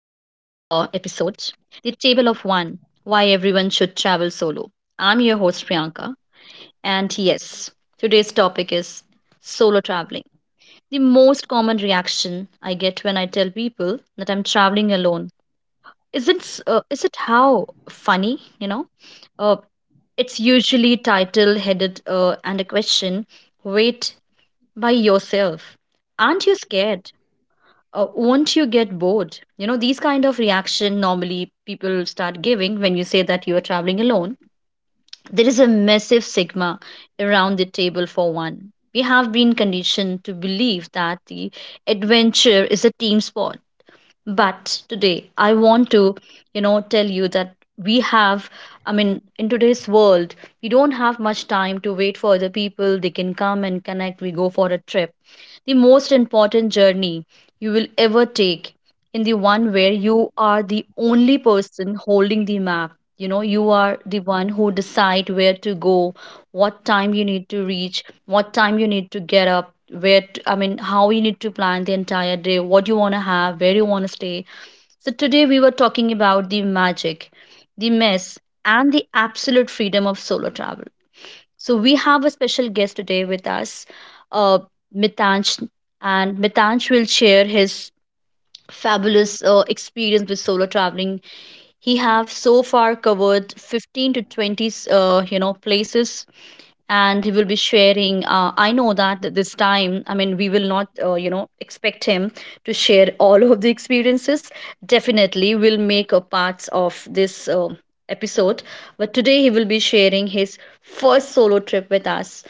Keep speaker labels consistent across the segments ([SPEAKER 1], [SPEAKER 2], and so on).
[SPEAKER 1] episode, the table of one, why everyone should travel solo. I'm your host Priyanka, and yes, today's topic is solo traveling. The most common reaction I get when I tell people that I'm traveling alone isn't s- is it how funny, you know? Uh, it's usually title headed and a question. Wait, by yourself. Aren't you scared? Won't you get bored, you know, these kind of reaction normally people start giving when you say that you are traveling alone. There is a massive sigma around the table for one. We have been conditioned to believe that the adventure is a team sport, but today I want to, tell you that we have, I mean in today's world we don't have much time to wait for other people. They can come and connect, we go for a trip. The most important journey you will ever take in the one where you are the only person holding the map. You know, you are the one who decide where to go, what time you need to reach, what time you need to get up, where to, I mean how you need to plan the entire day, what you want to have, where you want to stay. So today we were talking about the magic, the mess, and the absolute freedom of solo travel. So we have a special guest today with us, uh, Mitansh, and Mitansh will share his fabulous experience with solo traveling. He have so far covered 15 to 20 you know, places, and he will be sharing, I know that this time, I mean, we will not, you know, expect him to share all of the experiences. Definitely we'll make a parts of this episode, but today he will be sharing his first solo trip with us.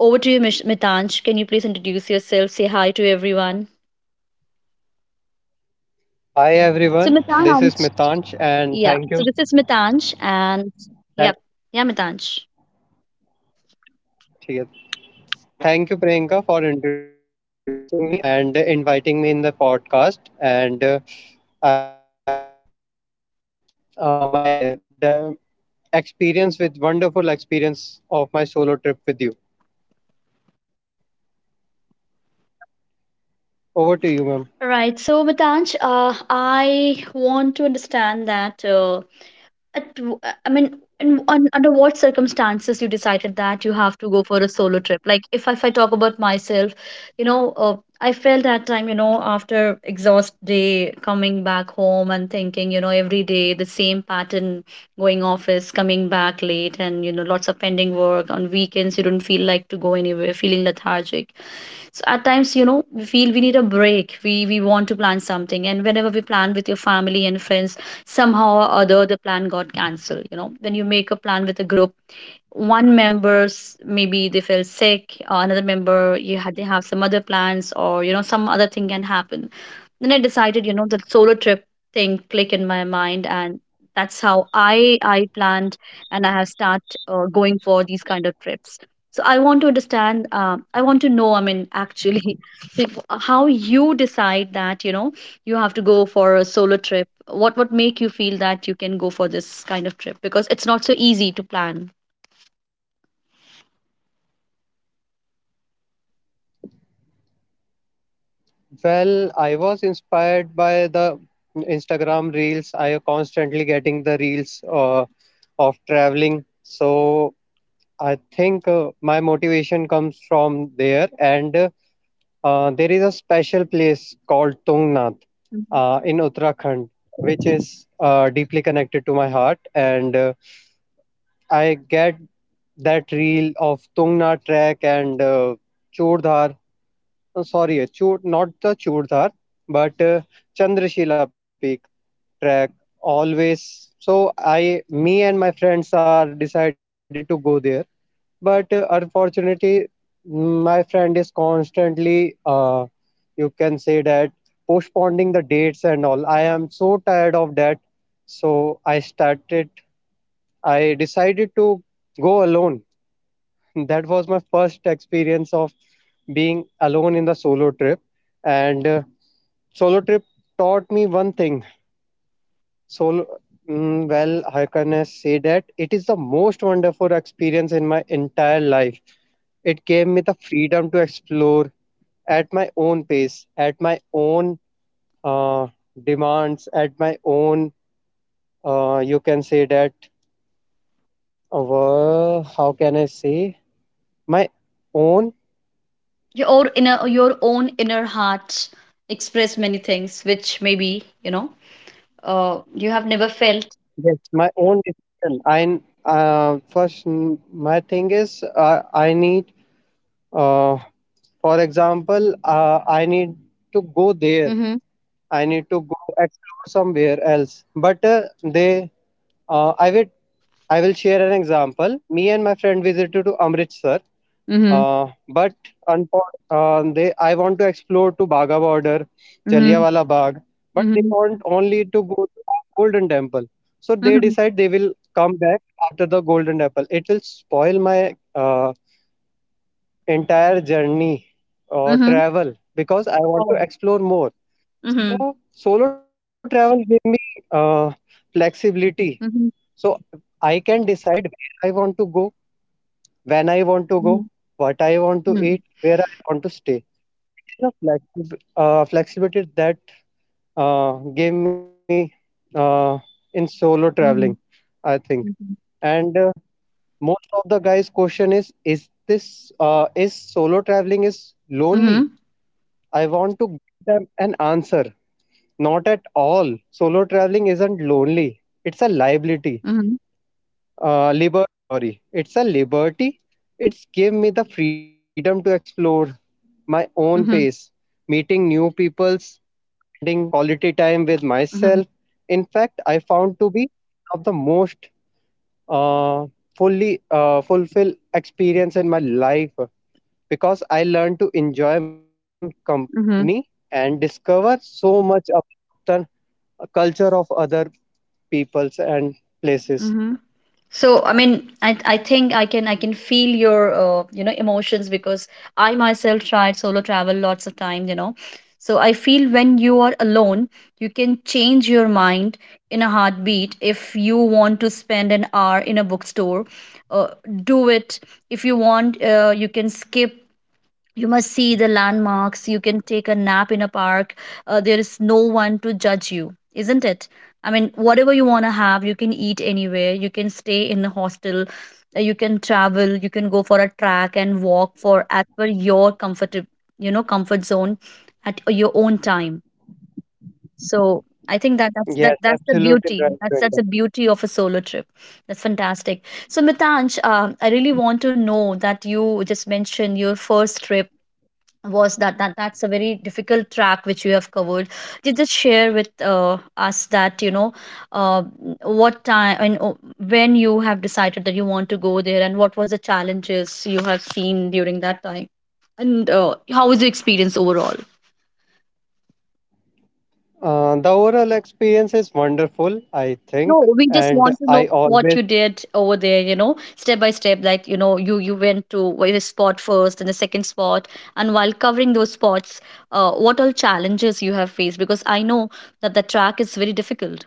[SPEAKER 1] Over to you, Mitanj, can you please introduce yourself, say hi to everyone.
[SPEAKER 2] Hi
[SPEAKER 1] So
[SPEAKER 2] everyone, this is
[SPEAKER 1] Mitanj,
[SPEAKER 2] Mitansh and
[SPEAKER 1] yeah,
[SPEAKER 2] thank
[SPEAKER 1] so
[SPEAKER 2] you.
[SPEAKER 1] this is Mitanj, and yeah,
[SPEAKER 2] Thank
[SPEAKER 1] yeah, Mitanj.
[SPEAKER 2] ठीक है। Thank you, Priyanka, for introducing me and inviting me in the podcast. And I will share my the experience with wonderful experience of my solo trip with you. Over to you, ma'am.
[SPEAKER 1] Right. So, Vitanch, I want to understand that. At, I mean, in, on, under what circumstances you decided that you have to go for a solo trip? Like, if I talk about myself, you know, I felt that time, you know, after exhaust day, coming back home and thinking, you know, every day the same pattern, going office, coming back late, and you know, lots of pending work on weekends. You don't feel like to go anywhere, feeling lethargic. So at times, you know, we feel we need a break. We want to plan something, and whenever we plan with your family and friends, somehow or other the plan got cancelled. You know, when you make a plan with a group, one member's maybe they feel sick, or another member you had they have some other plans, or you know some other thing can happen. Then I decided, you know, the solo trip thing click in my mind, and that's how I planned and I have start going for these kind of trips. So I want to understand. I want to know. I mean, actually, how you decide that you know you have to go for a solo trip. What make you feel that you can go for this kind of trip, because it's not so easy to plan.
[SPEAKER 2] Well, I was inspired by the Instagram reels. I constantly getting the reels of traveling. So I think my motivation comes from there, and there is a special place called Tungnath
[SPEAKER 1] Mhm.
[SPEAKER 2] in Uttarakhand, which is deeply connected to my heart. And I get that reel of Tungnath trek and Churdhar. Oh, sorry, Chur, not the Churdhar, but Chandrashila Peak track always. So me and my friends are decided to go there, but unfortunately, my friend is constantly, you can say that postponing the dates and all. I am so tired of that, so I started. I decided to go alone. That was my first experience of being alone in the solo trip, and solo trip taught me one thing. Solo, well, how can I say that it is the most wonderful experience in my entire life. It gave me the freedom to explore at my own pace, at my own uh, demands, at my own, you can say that, how can I say, my own.
[SPEAKER 1] Your own inner, your own inner heart express many things which maybe you know you have never felt.
[SPEAKER 2] Yes, my own decision. My thing is, I need, uh, for example, I need to go there.
[SPEAKER 1] Mhm,
[SPEAKER 2] I need to go explore somewhere else. But they uh, I will I will share an example. Me and my friend visited to Amritsar,
[SPEAKER 1] mhm,
[SPEAKER 2] but I want to explore to Bagha border,
[SPEAKER 1] mhm,
[SPEAKER 2] Jallianwala Bagh, but they
[SPEAKER 1] mhm,
[SPEAKER 2] want only to go to the Golden Temple. So they
[SPEAKER 1] mhm,
[SPEAKER 2] decide they will come back after the Golden Temple. It will spoil my entire journey or
[SPEAKER 1] mhm.
[SPEAKER 2] travel because I want to
[SPEAKER 1] Oh.
[SPEAKER 2] explore more.
[SPEAKER 1] Mhm,
[SPEAKER 2] So solo travel gave me flexibility.
[SPEAKER 1] mhm,
[SPEAKER 2] So I can decide where I want to go, when I want to go,
[SPEAKER 1] mhm,
[SPEAKER 2] what I want to
[SPEAKER 1] mhm,
[SPEAKER 2] eat, where I want to stay. It is a flexibility that uh, gave me uh, in solo traveling,
[SPEAKER 1] mhm,
[SPEAKER 2] I think.
[SPEAKER 1] mhm,
[SPEAKER 2] And most of the guys' question is this, is solo traveling is lonely?
[SPEAKER 1] mhm,
[SPEAKER 2] I want to give them an answer. Not at all. Solo traveling isn't lonely. It's a liability.
[SPEAKER 1] mhm,
[SPEAKER 2] Liberty, sorry, it's a liberty. It's give me the freedom to explore my own pace,
[SPEAKER 1] mhm,
[SPEAKER 2] meeting new peoples, spending quality time with myself.
[SPEAKER 1] mhm,
[SPEAKER 2] In fact, I found to be one of the most, uh, fully fulfill experience in my life because I learned to enjoy my own
[SPEAKER 1] mhm,
[SPEAKER 2] company and discover so much about the culture of other peoples and places.
[SPEAKER 1] mhm. So I mean, I think I can feel your you know, emotions, because I myself tried solo travel lots of times, you know. So I feel when you are alone you can change your mind in a heartbeat. If you want to spend an hour in a bookstore, uh, do it. If you want, you can skip, you must see the landmarks. You can take a nap in a park. There is no one to judge you, isn't it? I mean, whatever you want to have, you can eat anywhere. You can stay in a hostel. You can travel, you can go for a track and walk for as per your comfort, you know, comfort zone, at your own time. So I think that that's
[SPEAKER 2] Yes,
[SPEAKER 1] that's the
[SPEAKER 2] absolutely
[SPEAKER 1] beauty.
[SPEAKER 2] right,
[SPEAKER 1] That's the
[SPEAKER 2] Priyanka.
[SPEAKER 1] beauty of a solo trip. That's fantastic. So Mitanj, I really want to know that you just mentioned your first trip was that, that's a very difficult track which you have covered. Did just share with us that you know, uh, what time and when you have decided that you want to go there and what was the challenges you have seen during that time, and how was the experience overall.
[SPEAKER 2] The overall experience is wonderful, I think,
[SPEAKER 1] No, we just
[SPEAKER 2] and
[SPEAKER 1] want to know
[SPEAKER 2] I
[SPEAKER 1] what
[SPEAKER 2] always,
[SPEAKER 1] you did over there, you know, step by step. Like, you know, you went to a spot first and the second spot, and while covering those spots, what all challenges you have faced? Because I know that the track is very difficult.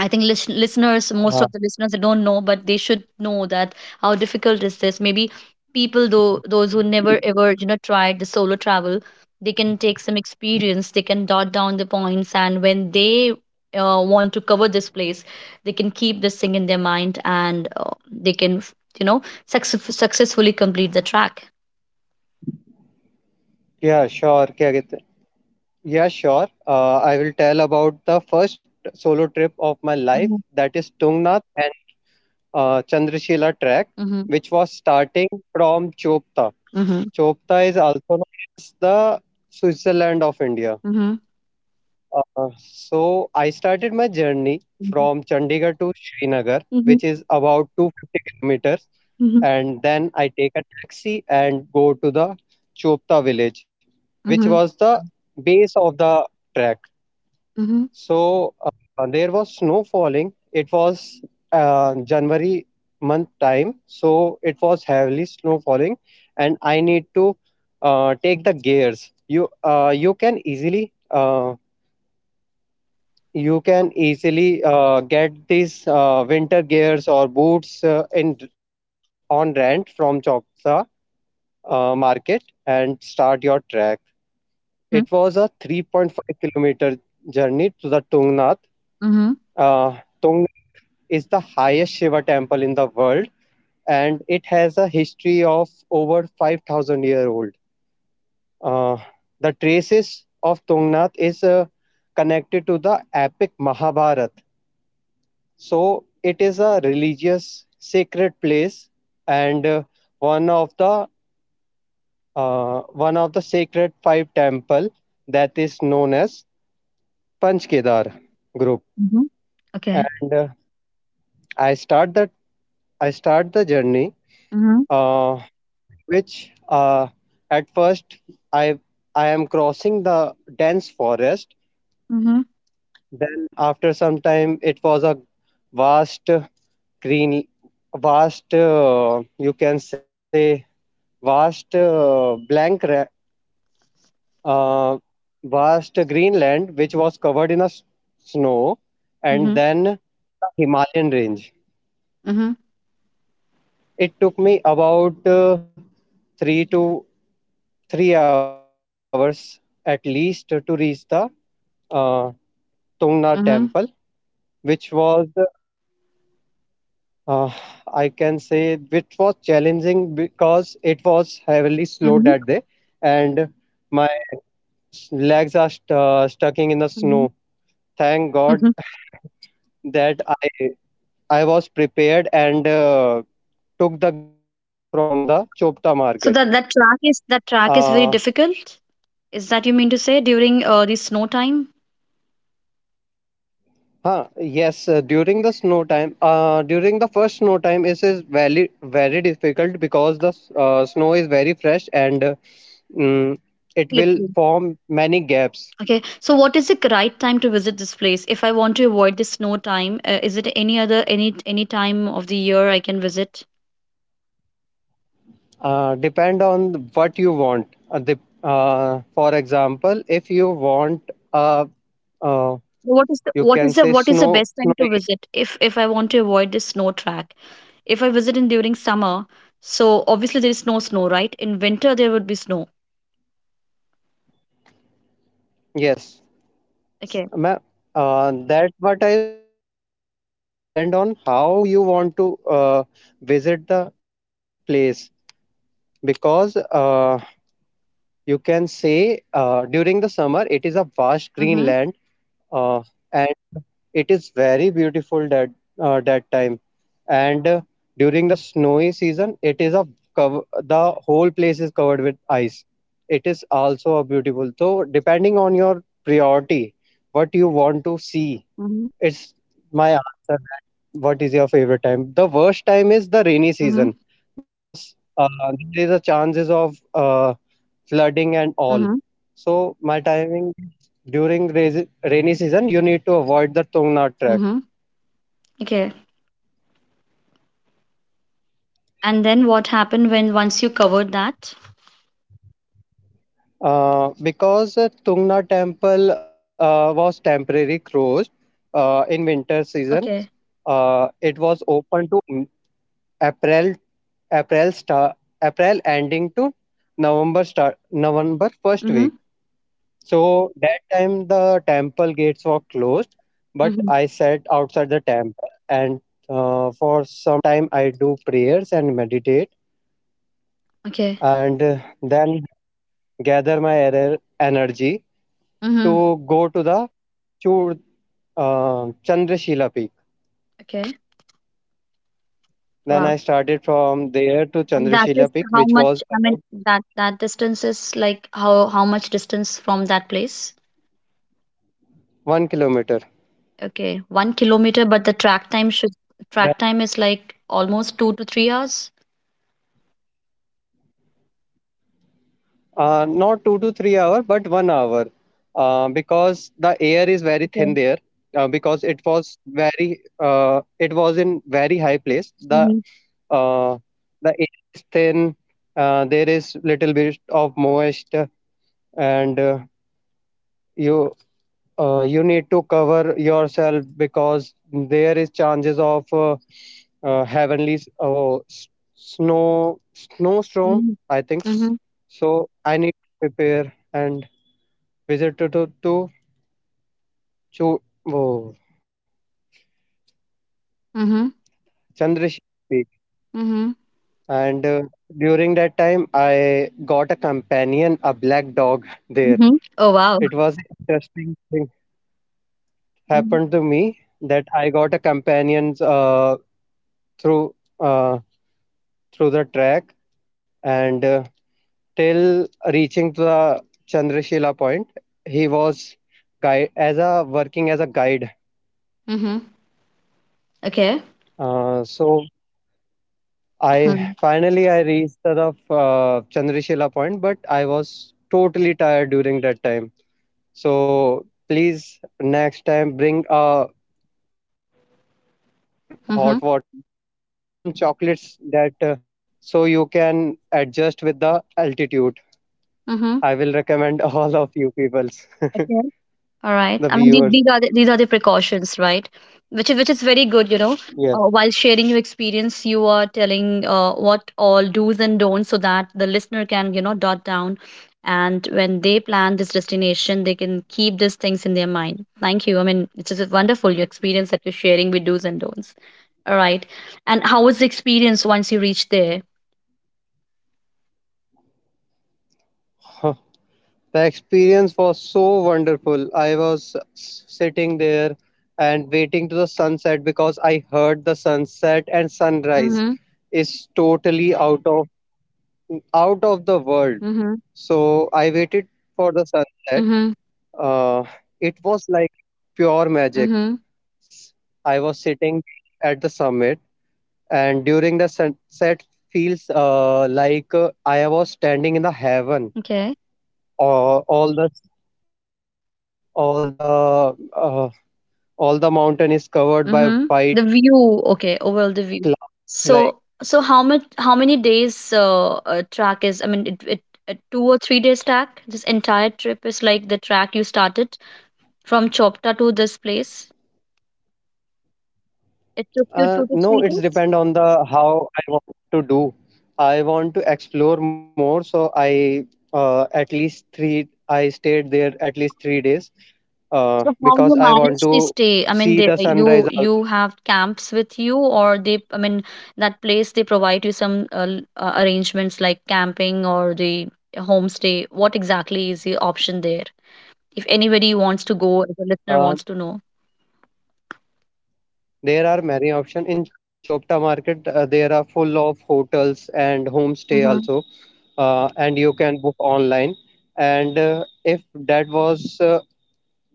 [SPEAKER 1] I think listeners, most of
[SPEAKER 2] uh,
[SPEAKER 1] the listeners, they don't know, but they should know that how difficult is this. Maybe people, though, those who never ever, you know, tried the solo travel, they can take some experience. They can dot down the points, and when they want to cover this place, they can keep this thing in their mind, and they can, you know, successfully complete the track.
[SPEAKER 2] yeah, sure, क्या कहते हैं? Yeah, sure. I will tell about the first solo trip of my life,
[SPEAKER 1] Mm-hmm.
[SPEAKER 2] that is Tungnath and Chandrashila track,
[SPEAKER 1] Mm-hmm.
[SPEAKER 2] which was starting from Chopta.
[SPEAKER 1] Mm-hmm.
[SPEAKER 2] Chopta is also known as the Switzerland of India. So I started my journey
[SPEAKER 1] Mm-hmm.
[SPEAKER 2] from Chandigarh to Srinagar,
[SPEAKER 1] Mm-hmm.
[SPEAKER 2] which is about 250 kilometers,
[SPEAKER 1] Mm-hmm.
[SPEAKER 2] and then I take a taxi and go to the Chopta village, which
[SPEAKER 1] Mm-hmm.
[SPEAKER 2] was the base of the trek.
[SPEAKER 1] Mm-hmm.
[SPEAKER 2] So there was snow falling. It was January month time, so it was heavily snow falling, and I need to take the gears. You can easily get these winter gears or boots in on rent from Chopsa market and start your trek. It was
[SPEAKER 1] Mm-hmm.
[SPEAKER 2] a 3.5-kilometer journey to the Tungnath. Uh, Tungnath is the highest Shiva temple in the world, and it has a history of over 5,000 year old. uh, the traces of Tungnath is connected to the epic Mahabharat. So it is a religious sacred place and one of the one of the sacred five temple that is known as Panchkedar group.
[SPEAKER 1] Mm-hmm. Okay.
[SPEAKER 2] And I start that I start the journey, uh, through which, at first, I I am crossing the dense forest.
[SPEAKER 1] Mhm,
[SPEAKER 2] Then after some time it was a vast green, vast, you can say vast, uh, vast greenland which was covered in a snow, and
[SPEAKER 1] mhm,
[SPEAKER 2] then the Himalayan range.
[SPEAKER 1] mhm,
[SPEAKER 2] It took me about, 3 to 3 hours at least to reach the uh, Tungna
[SPEAKER 1] mhm,
[SPEAKER 2] temple, which was, uh, I can say, which was challenging because it was heavily slow
[SPEAKER 1] mhm,
[SPEAKER 2] that day, and my legs are stuck in the
[SPEAKER 1] mhm,
[SPEAKER 2] snow. Thank God
[SPEAKER 1] mhm.
[SPEAKER 2] that I was prepared and took the gears from the Chopta market.
[SPEAKER 1] So that that track, is that track
[SPEAKER 2] Uh,
[SPEAKER 1] is very difficult? Is that you mean to say during the snow time?
[SPEAKER 2] huh, yes, during the snow time, during the first snow time, it is very, very difficult because the snow is very fresh and, mm, it will
[SPEAKER 1] Slippery.
[SPEAKER 2] form many gaps.
[SPEAKER 1] Okay. So what is the right time to visit this place? If I want to avoid the snow time, is it any other, any time of the year I can visit?
[SPEAKER 2] Depend on what you want. For example, if you want a, uh,
[SPEAKER 1] What is the
[SPEAKER 2] you
[SPEAKER 1] what
[SPEAKER 2] can
[SPEAKER 1] is the
[SPEAKER 2] say
[SPEAKER 1] what is the
[SPEAKER 2] snow,
[SPEAKER 1] best time to
[SPEAKER 2] snowy.
[SPEAKER 1] visit if I want to avoid the snow track? If I visit in during summer, so obviously there is no snow, right? In winter there would be snow.
[SPEAKER 2] Yes,
[SPEAKER 1] Okay.
[SPEAKER 2] ma'am. That's what I am saying. The best time is depend on how you want to visit the place because, you can say, during the summer it is a vast green
[SPEAKER 1] Mm-hmm.
[SPEAKER 2] land, uh, and it is very beautiful that, that time, and during the snowy season it is a cover, the whole place is covered with ice. It is also a beautiful, so depending on your priority, what you want to see, it's my answer that, what is your favorite time? The worst time is the rainy
[SPEAKER 1] Mhm.
[SPEAKER 2] season because, there is a chances of, flooding and all.
[SPEAKER 1] Mhm.
[SPEAKER 2] So my timing is during rainy season. You need to avoid the Tungna track,
[SPEAKER 1] Mhm. Okay. And then what happened when once you covered that?
[SPEAKER 2] because, Tungna temple was temporarily closed in winter season.
[SPEAKER 1] Okay.
[SPEAKER 2] It was open to April. April start April ending to November start, November first
[SPEAKER 1] Mhm.
[SPEAKER 2] week. So that time the temple gates were closed, but
[SPEAKER 1] Mhm.
[SPEAKER 2] I sat outside the temple and, for some time I do prayers and meditate,
[SPEAKER 1] Okay.
[SPEAKER 2] and then gather my energy
[SPEAKER 1] Mhm.
[SPEAKER 2] to go to the Chur, Chandrashila peak.
[SPEAKER 1] Okay.
[SPEAKER 2] Then
[SPEAKER 1] Wow.
[SPEAKER 2] I started from there to
[SPEAKER 1] And that is
[SPEAKER 2] Chandrashila peak,
[SPEAKER 1] how
[SPEAKER 2] which
[SPEAKER 1] much,
[SPEAKER 2] was
[SPEAKER 1] I mean
[SPEAKER 2] about
[SPEAKER 1] that that distance is like, how much distance from that place?
[SPEAKER 2] 1 kilometer.
[SPEAKER 1] Okay. 1 kilometer, but the track time should,
[SPEAKER 2] That
[SPEAKER 1] track time is like almost 2 to 3 hours.
[SPEAKER 2] Not 2 to 3 hour, but 1 hour, because the air is very thin
[SPEAKER 1] Okay.
[SPEAKER 2] there. Because it was very, it was in very high place.
[SPEAKER 1] Mhm.
[SPEAKER 2] Uh, the air is thin. There is little bit of moist, and, you you need to cover yourself because there is chances of, heavenly s- oh, s- snow snowstorm.
[SPEAKER 1] Mhm.
[SPEAKER 2] I think
[SPEAKER 1] Mhm.
[SPEAKER 2] so. I need to prepare and Visited to, to Chu, oh,
[SPEAKER 1] Mhm.
[SPEAKER 2] Chandrashila Peak,
[SPEAKER 1] Mhm.
[SPEAKER 2] and, during that time I got a companion, a black dog there.
[SPEAKER 1] Mm-hmm. Oh wow.
[SPEAKER 2] It was an interesting thing
[SPEAKER 1] Mhm.
[SPEAKER 2] happened to me that I got a companion, through through the track, and, till reaching to the Chandrashila point, he was guide as a working as a guide.
[SPEAKER 1] Mhm. Okay.
[SPEAKER 2] So, I
[SPEAKER 1] Mhm.
[SPEAKER 2] finally I reached the, Chandrashila point, but I was totally tired during that time. So please next time bring a water, hot water
[SPEAKER 1] Mhm.
[SPEAKER 2] bottle, and some chocolates that, so you can adjust with the altitude.
[SPEAKER 1] Mhm.
[SPEAKER 2] I will recommend all of you peoples,
[SPEAKER 1] Okay. All right.
[SPEAKER 2] the
[SPEAKER 1] I mean,
[SPEAKER 2] viewers.
[SPEAKER 1] these are the precautions, right? Which is, which is very good, you know.
[SPEAKER 2] Yes,
[SPEAKER 1] While sharing your experience, you are telling what all do's and don'ts, so that the listener can, you know, dot down, and when they plan this destination, they can keep these things in their mind. Thank you. I mean, it's just wonderful, your experience that you're sharing with do's and don'ts. All right. And how was the experience once you reached there?
[SPEAKER 2] the experience was so wonderful. I was sitting there and waiting to the sunset because I heard the sunset and sunrise
[SPEAKER 1] Mm-hmm.
[SPEAKER 2] is totally out of, out of the world.
[SPEAKER 1] Mm-hmm.
[SPEAKER 2] So I waited for the sunset.
[SPEAKER 1] Mm-hmm.
[SPEAKER 2] Uh, it was like a pure magic.
[SPEAKER 1] Mm-hmm.
[SPEAKER 2] I was sitting there at the summit, and during the sunset, feels, like, I was standing in the heaven.
[SPEAKER 1] Okay.
[SPEAKER 2] All, all the all the uh, all the mountain is covered by white
[SPEAKER 1] Mhm. The view, okay, overall
[SPEAKER 2] clouds
[SPEAKER 1] the view.
[SPEAKER 2] like.
[SPEAKER 1] So, so how much, how many days track is? I mean, it, a 2 or 3 days track. This entire trip is like the track you started from Chopta to this place. It took you two to
[SPEAKER 2] No,
[SPEAKER 1] three
[SPEAKER 2] it's
[SPEAKER 1] days.
[SPEAKER 2] depend on the how I want to do. I want to explore more, so I, at least three I stayed there at least 3 days,
[SPEAKER 1] So how
[SPEAKER 2] because
[SPEAKER 1] you
[SPEAKER 2] I want
[SPEAKER 1] manage the
[SPEAKER 2] to
[SPEAKER 1] stay? I mean,
[SPEAKER 2] see
[SPEAKER 1] they,
[SPEAKER 2] the
[SPEAKER 1] you
[SPEAKER 2] sunrise
[SPEAKER 1] you
[SPEAKER 2] also.
[SPEAKER 1] have camps with you, or they? I mean, that place they provide you some arrangements like camping or the homestay. What exactly is the option there? If anybody wants to go, if a listener wants
[SPEAKER 2] uh,
[SPEAKER 1] to know.
[SPEAKER 2] there are many options in Chopta market. There are full of hotels and homestay
[SPEAKER 1] Mm-hmm.
[SPEAKER 2] also, and you can book online, and, if that was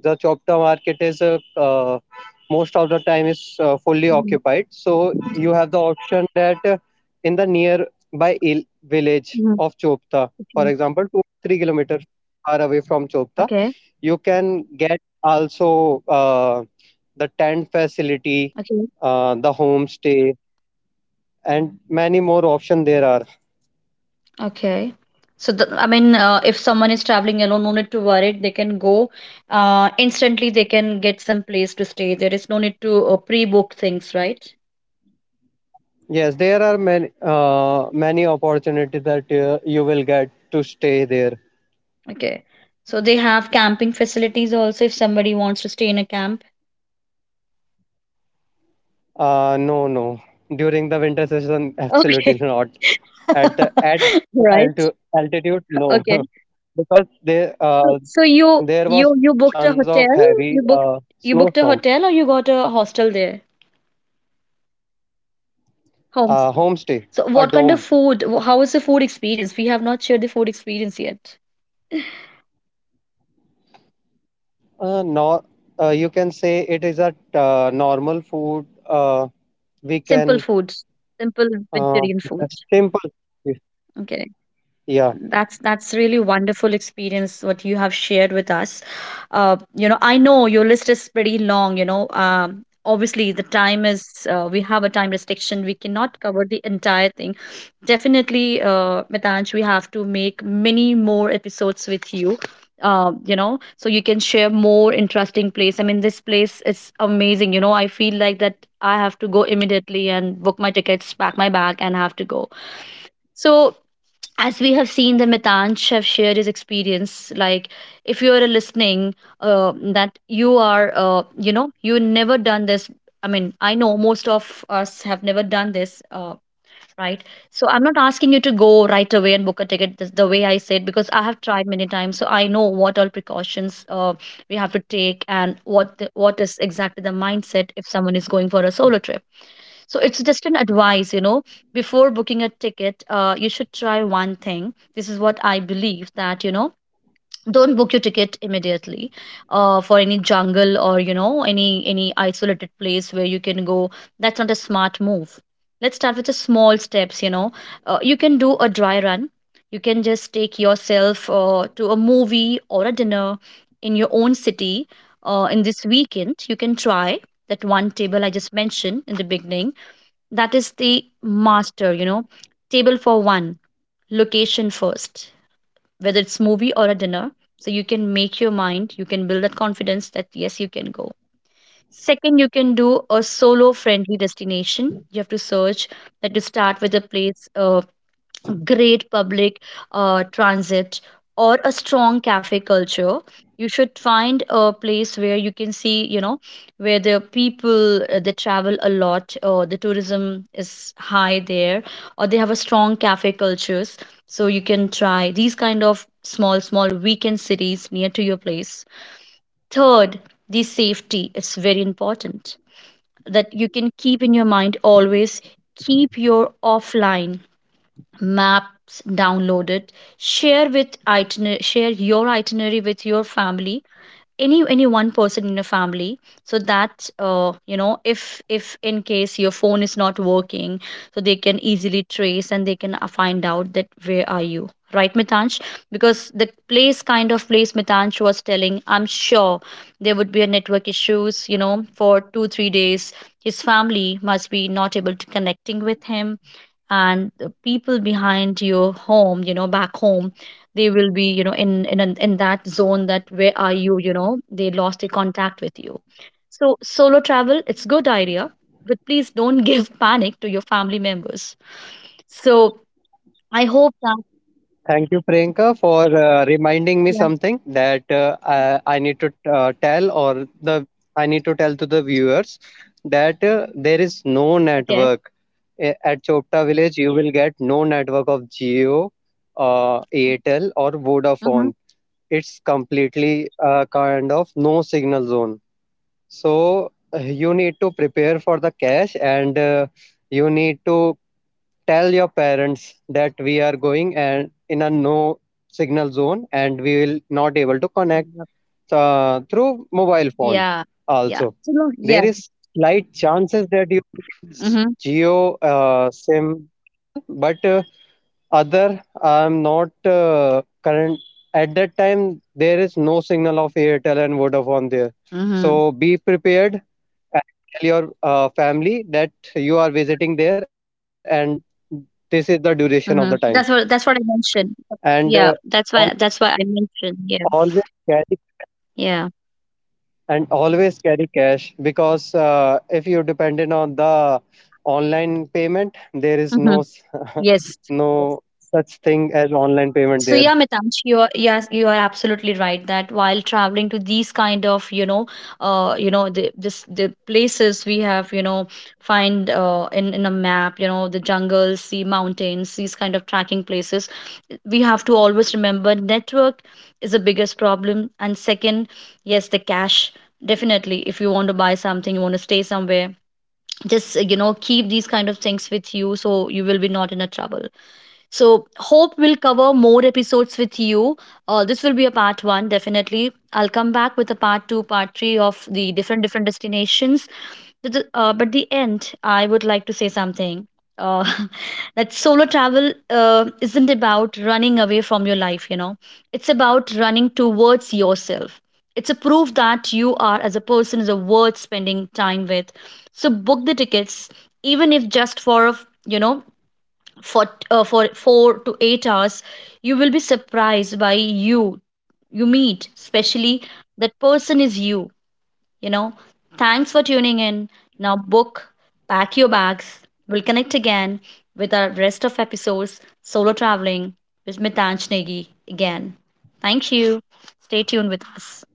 [SPEAKER 2] the Chopta market is, most of the time is, fully
[SPEAKER 1] Mm-hmm.
[SPEAKER 2] occupied. So you have the option that, in the nearby village of Chopta, for
[SPEAKER 1] Okay.
[SPEAKER 2] example, 2 or 3 kilometers far away from Chopta,
[SPEAKER 1] Okay.
[SPEAKER 2] you can get also, the tent facility,
[SPEAKER 1] Okay.
[SPEAKER 2] the homestay, and many more options there are.
[SPEAKER 1] Okay. So the, I mean, if someone is traveling alone, no need to worry. They can go instantly. They can get some place to stay. There is no need to pre-book things, right?
[SPEAKER 2] Yes, there are many, many opportunities that, you will get to stay there.
[SPEAKER 1] Okay. So they have camping facilities also if somebody wants to stay in a camp.
[SPEAKER 2] No, no. During the winter season,
[SPEAKER 1] Okay.
[SPEAKER 2] absolutely not. At that
[SPEAKER 1] Right.
[SPEAKER 2] altu altitude, no,
[SPEAKER 1] Okay.
[SPEAKER 2] because there,
[SPEAKER 1] So so you
[SPEAKER 2] there
[SPEAKER 1] you
[SPEAKER 2] was
[SPEAKER 1] you
[SPEAKER 2] chances
[SPEAKER 1] booked a
[SPEAKER 2] of
[SPEAKER 1] hotel?
[SPEAKER 2] heavy,
[SPEAKER 1] You booked, you
[SPEAKER 2] snowstorm.
[SPEAKER 1] booked a hotel or you got a hostel there? Homestay.
[SPEAKER 2] Homestay,
[SPEAKER 1] So
[SPEAKER 2] a
[SPEAKER 1] what kind
[SPEAKER 2] dome.
[SPEAKER 1] of food? How is the food experience? We have not shared the food experience yet.
[SPEAKER 2] No, you can say it is a, normal food. We
[SPEAKER 1] Simple
[SPEAKER 2] can
[SPEAKER 1] foods, simple
[SPEAKER 2] uh,
[SPEAKER 1] vegetarian foods.
[SPEAKER 2] simple food.
[SPEAKER 1] Okay,
[SPEAKER 2] Yeah.
[SPEAKER 1] that's really wonderful experience what you have shared with us. You know, I know your list is pretty long. You know, obviously the time is we have a time restriction. We cannot cover the entire thing. Definitely, Mitanj, we have to make many more episodes with you. You know, so you can share more interesting place. I mean, this place is amazing. I feel like that I have to go immediately and book my tickets, pack my bag, and have to go. So, as we have seen, the Mitansh have shared his experience, like, if you are listening, that you are, you never done this. I mean, I know most of us have never done this. Right? So I'm not asking you to go right away and book a ticket the way I said, because I have tried many times, so I know what all precautions we have to take, and what is exactly the mindset if someone is going for a solo trip. So it's just an advice. Before booking a ticket, you should try one thing. This is what I believe, that don't book your ticket immediately for any jungle, or any isolated place where you can go. That's not a smart move. Let's start with the small steps. You can do a dry run. You can just take yourself to a movie or a dinner in your own city. In this weekend you can try that one table I just mentioned in the beginning. That is the master, table for one. Location first. Whether it's movie or a dinner, so you can make your mind, you can build that confidence that yes, you can go. Second, you can do a solo friendly destination, you have to search that, to start with a place. Great public transit, or a strong cafe culture. You should find a place where you can see, where the people, they travel a lot, or the tourism is high there, or they have a strong cafe cultures. So you can try these kind of small small weekend cities near to your place. Third, the safety, it's very important, that you can keep in your mind always. Keep your offline maps downloaded. Share your itinerary with your family, any one person in a family, so that if in case your phone is not working, so they can easily trace and they can find out that where are you, right, Mitansh? Because the place kind of place Mitansh was telling, I'm sure there would be a network issues. For 2 3 days, his family must be not able to connecting with him, and the people behind your home, back home, they will be, in that zone, that where are you, you know they lost the contact with you. So solo travel, it's good idea, but please don't give panic to your family members. So I hope that.
[SPEAKER 2] Thank you, Priyanka, for, reminding me
[SPEAKER 1] Yeah.
[SPEAKER 2] something that, I need to, tell or the I need to tell to the viewers that, there is no
[SPEAKER 1] Okay.
[SPEAKER 2] network at Chopta village. You will get no network of Geo, Airtel, or Vodafone.
[SPEAKER 1] Mm-hmm.
[SPEAKER 2] It's completely, kind of no signal zone. So, you need to prepare for the cash, and, you need to tell your parents that we are going and in a no signal zone, and we will not able to connect, through mobile phone
[SPEAKER 1] Yeah, yeah.
[SPEAKER 2] also.
[SPEAKER 1] So, no, yeah.
[SPEAKER 2] There is slight chances that you will get
[SPEAKER 1] Mm-hmm.
[SPEAKER 2] Geo, SIM signal, but, other I'm not, current at that time. There is no signal of Airtel and Vodafone there. So
[SPEAKER 1] Mm-hmm.
[SPEAKER 2] be prepared and tell your, family that you are visiting there and this is the duration of the time.
[SPEAKER 1] Mm-hmm. That's what I mentioned,
[SPEAKER 2] And,
[SPEAKER 1] yeah, that's
[SPEAKER 2] always,
[SPEAKER 1] why that's why I mentioned, yeah.
[SPEAKER 2] always carry cash
[SPEAKER 1] Yeah.
[SPEAKER 2] and always carry cash because, if you're dependent on the online payment, there is
[SPEAKER 1] Mm-hmm.
[SPEAKER 2] no
[SPEAKER 1] Yes. Yes.
[SPEAKER 2] no such thing as online payment
[SPEAKER 1] So
[SPEAKER 2] there.
[SPEAKER 1] yeah, Mitansh, you are, yes, you are absolutely right, that while traveling to these kind of, the places we have, find in a map, the jungles, the mountains, these kind of tracking places, we have to always remember, network is the biggest problem, and second, yes, the cash. Definitely, if you want to buy something, you want to stay somewhere, just keep these kind of things with you, so you will be not in a trouble. So, hope we'll cover more episodes with you. This will be a part one, definitely. I'll come back with a part two, part three of the different different destinations. But the end, I would like to say something. Uh, that solo travel isn't about running away from your life. It's about running towards yourself. It's a proof that you are, as a person, is a worth spending time with. So book the tickets, even if just for a f- you know for for 4 to 8 hours. You will be surprised by, you you meet especially that person is you you know Thanks for tuning in. Now book, pack your bags. We'll connect again with our rest of episodes. Solo traveling with Mitansh Negi. Again, thank you. Stay tuned with us.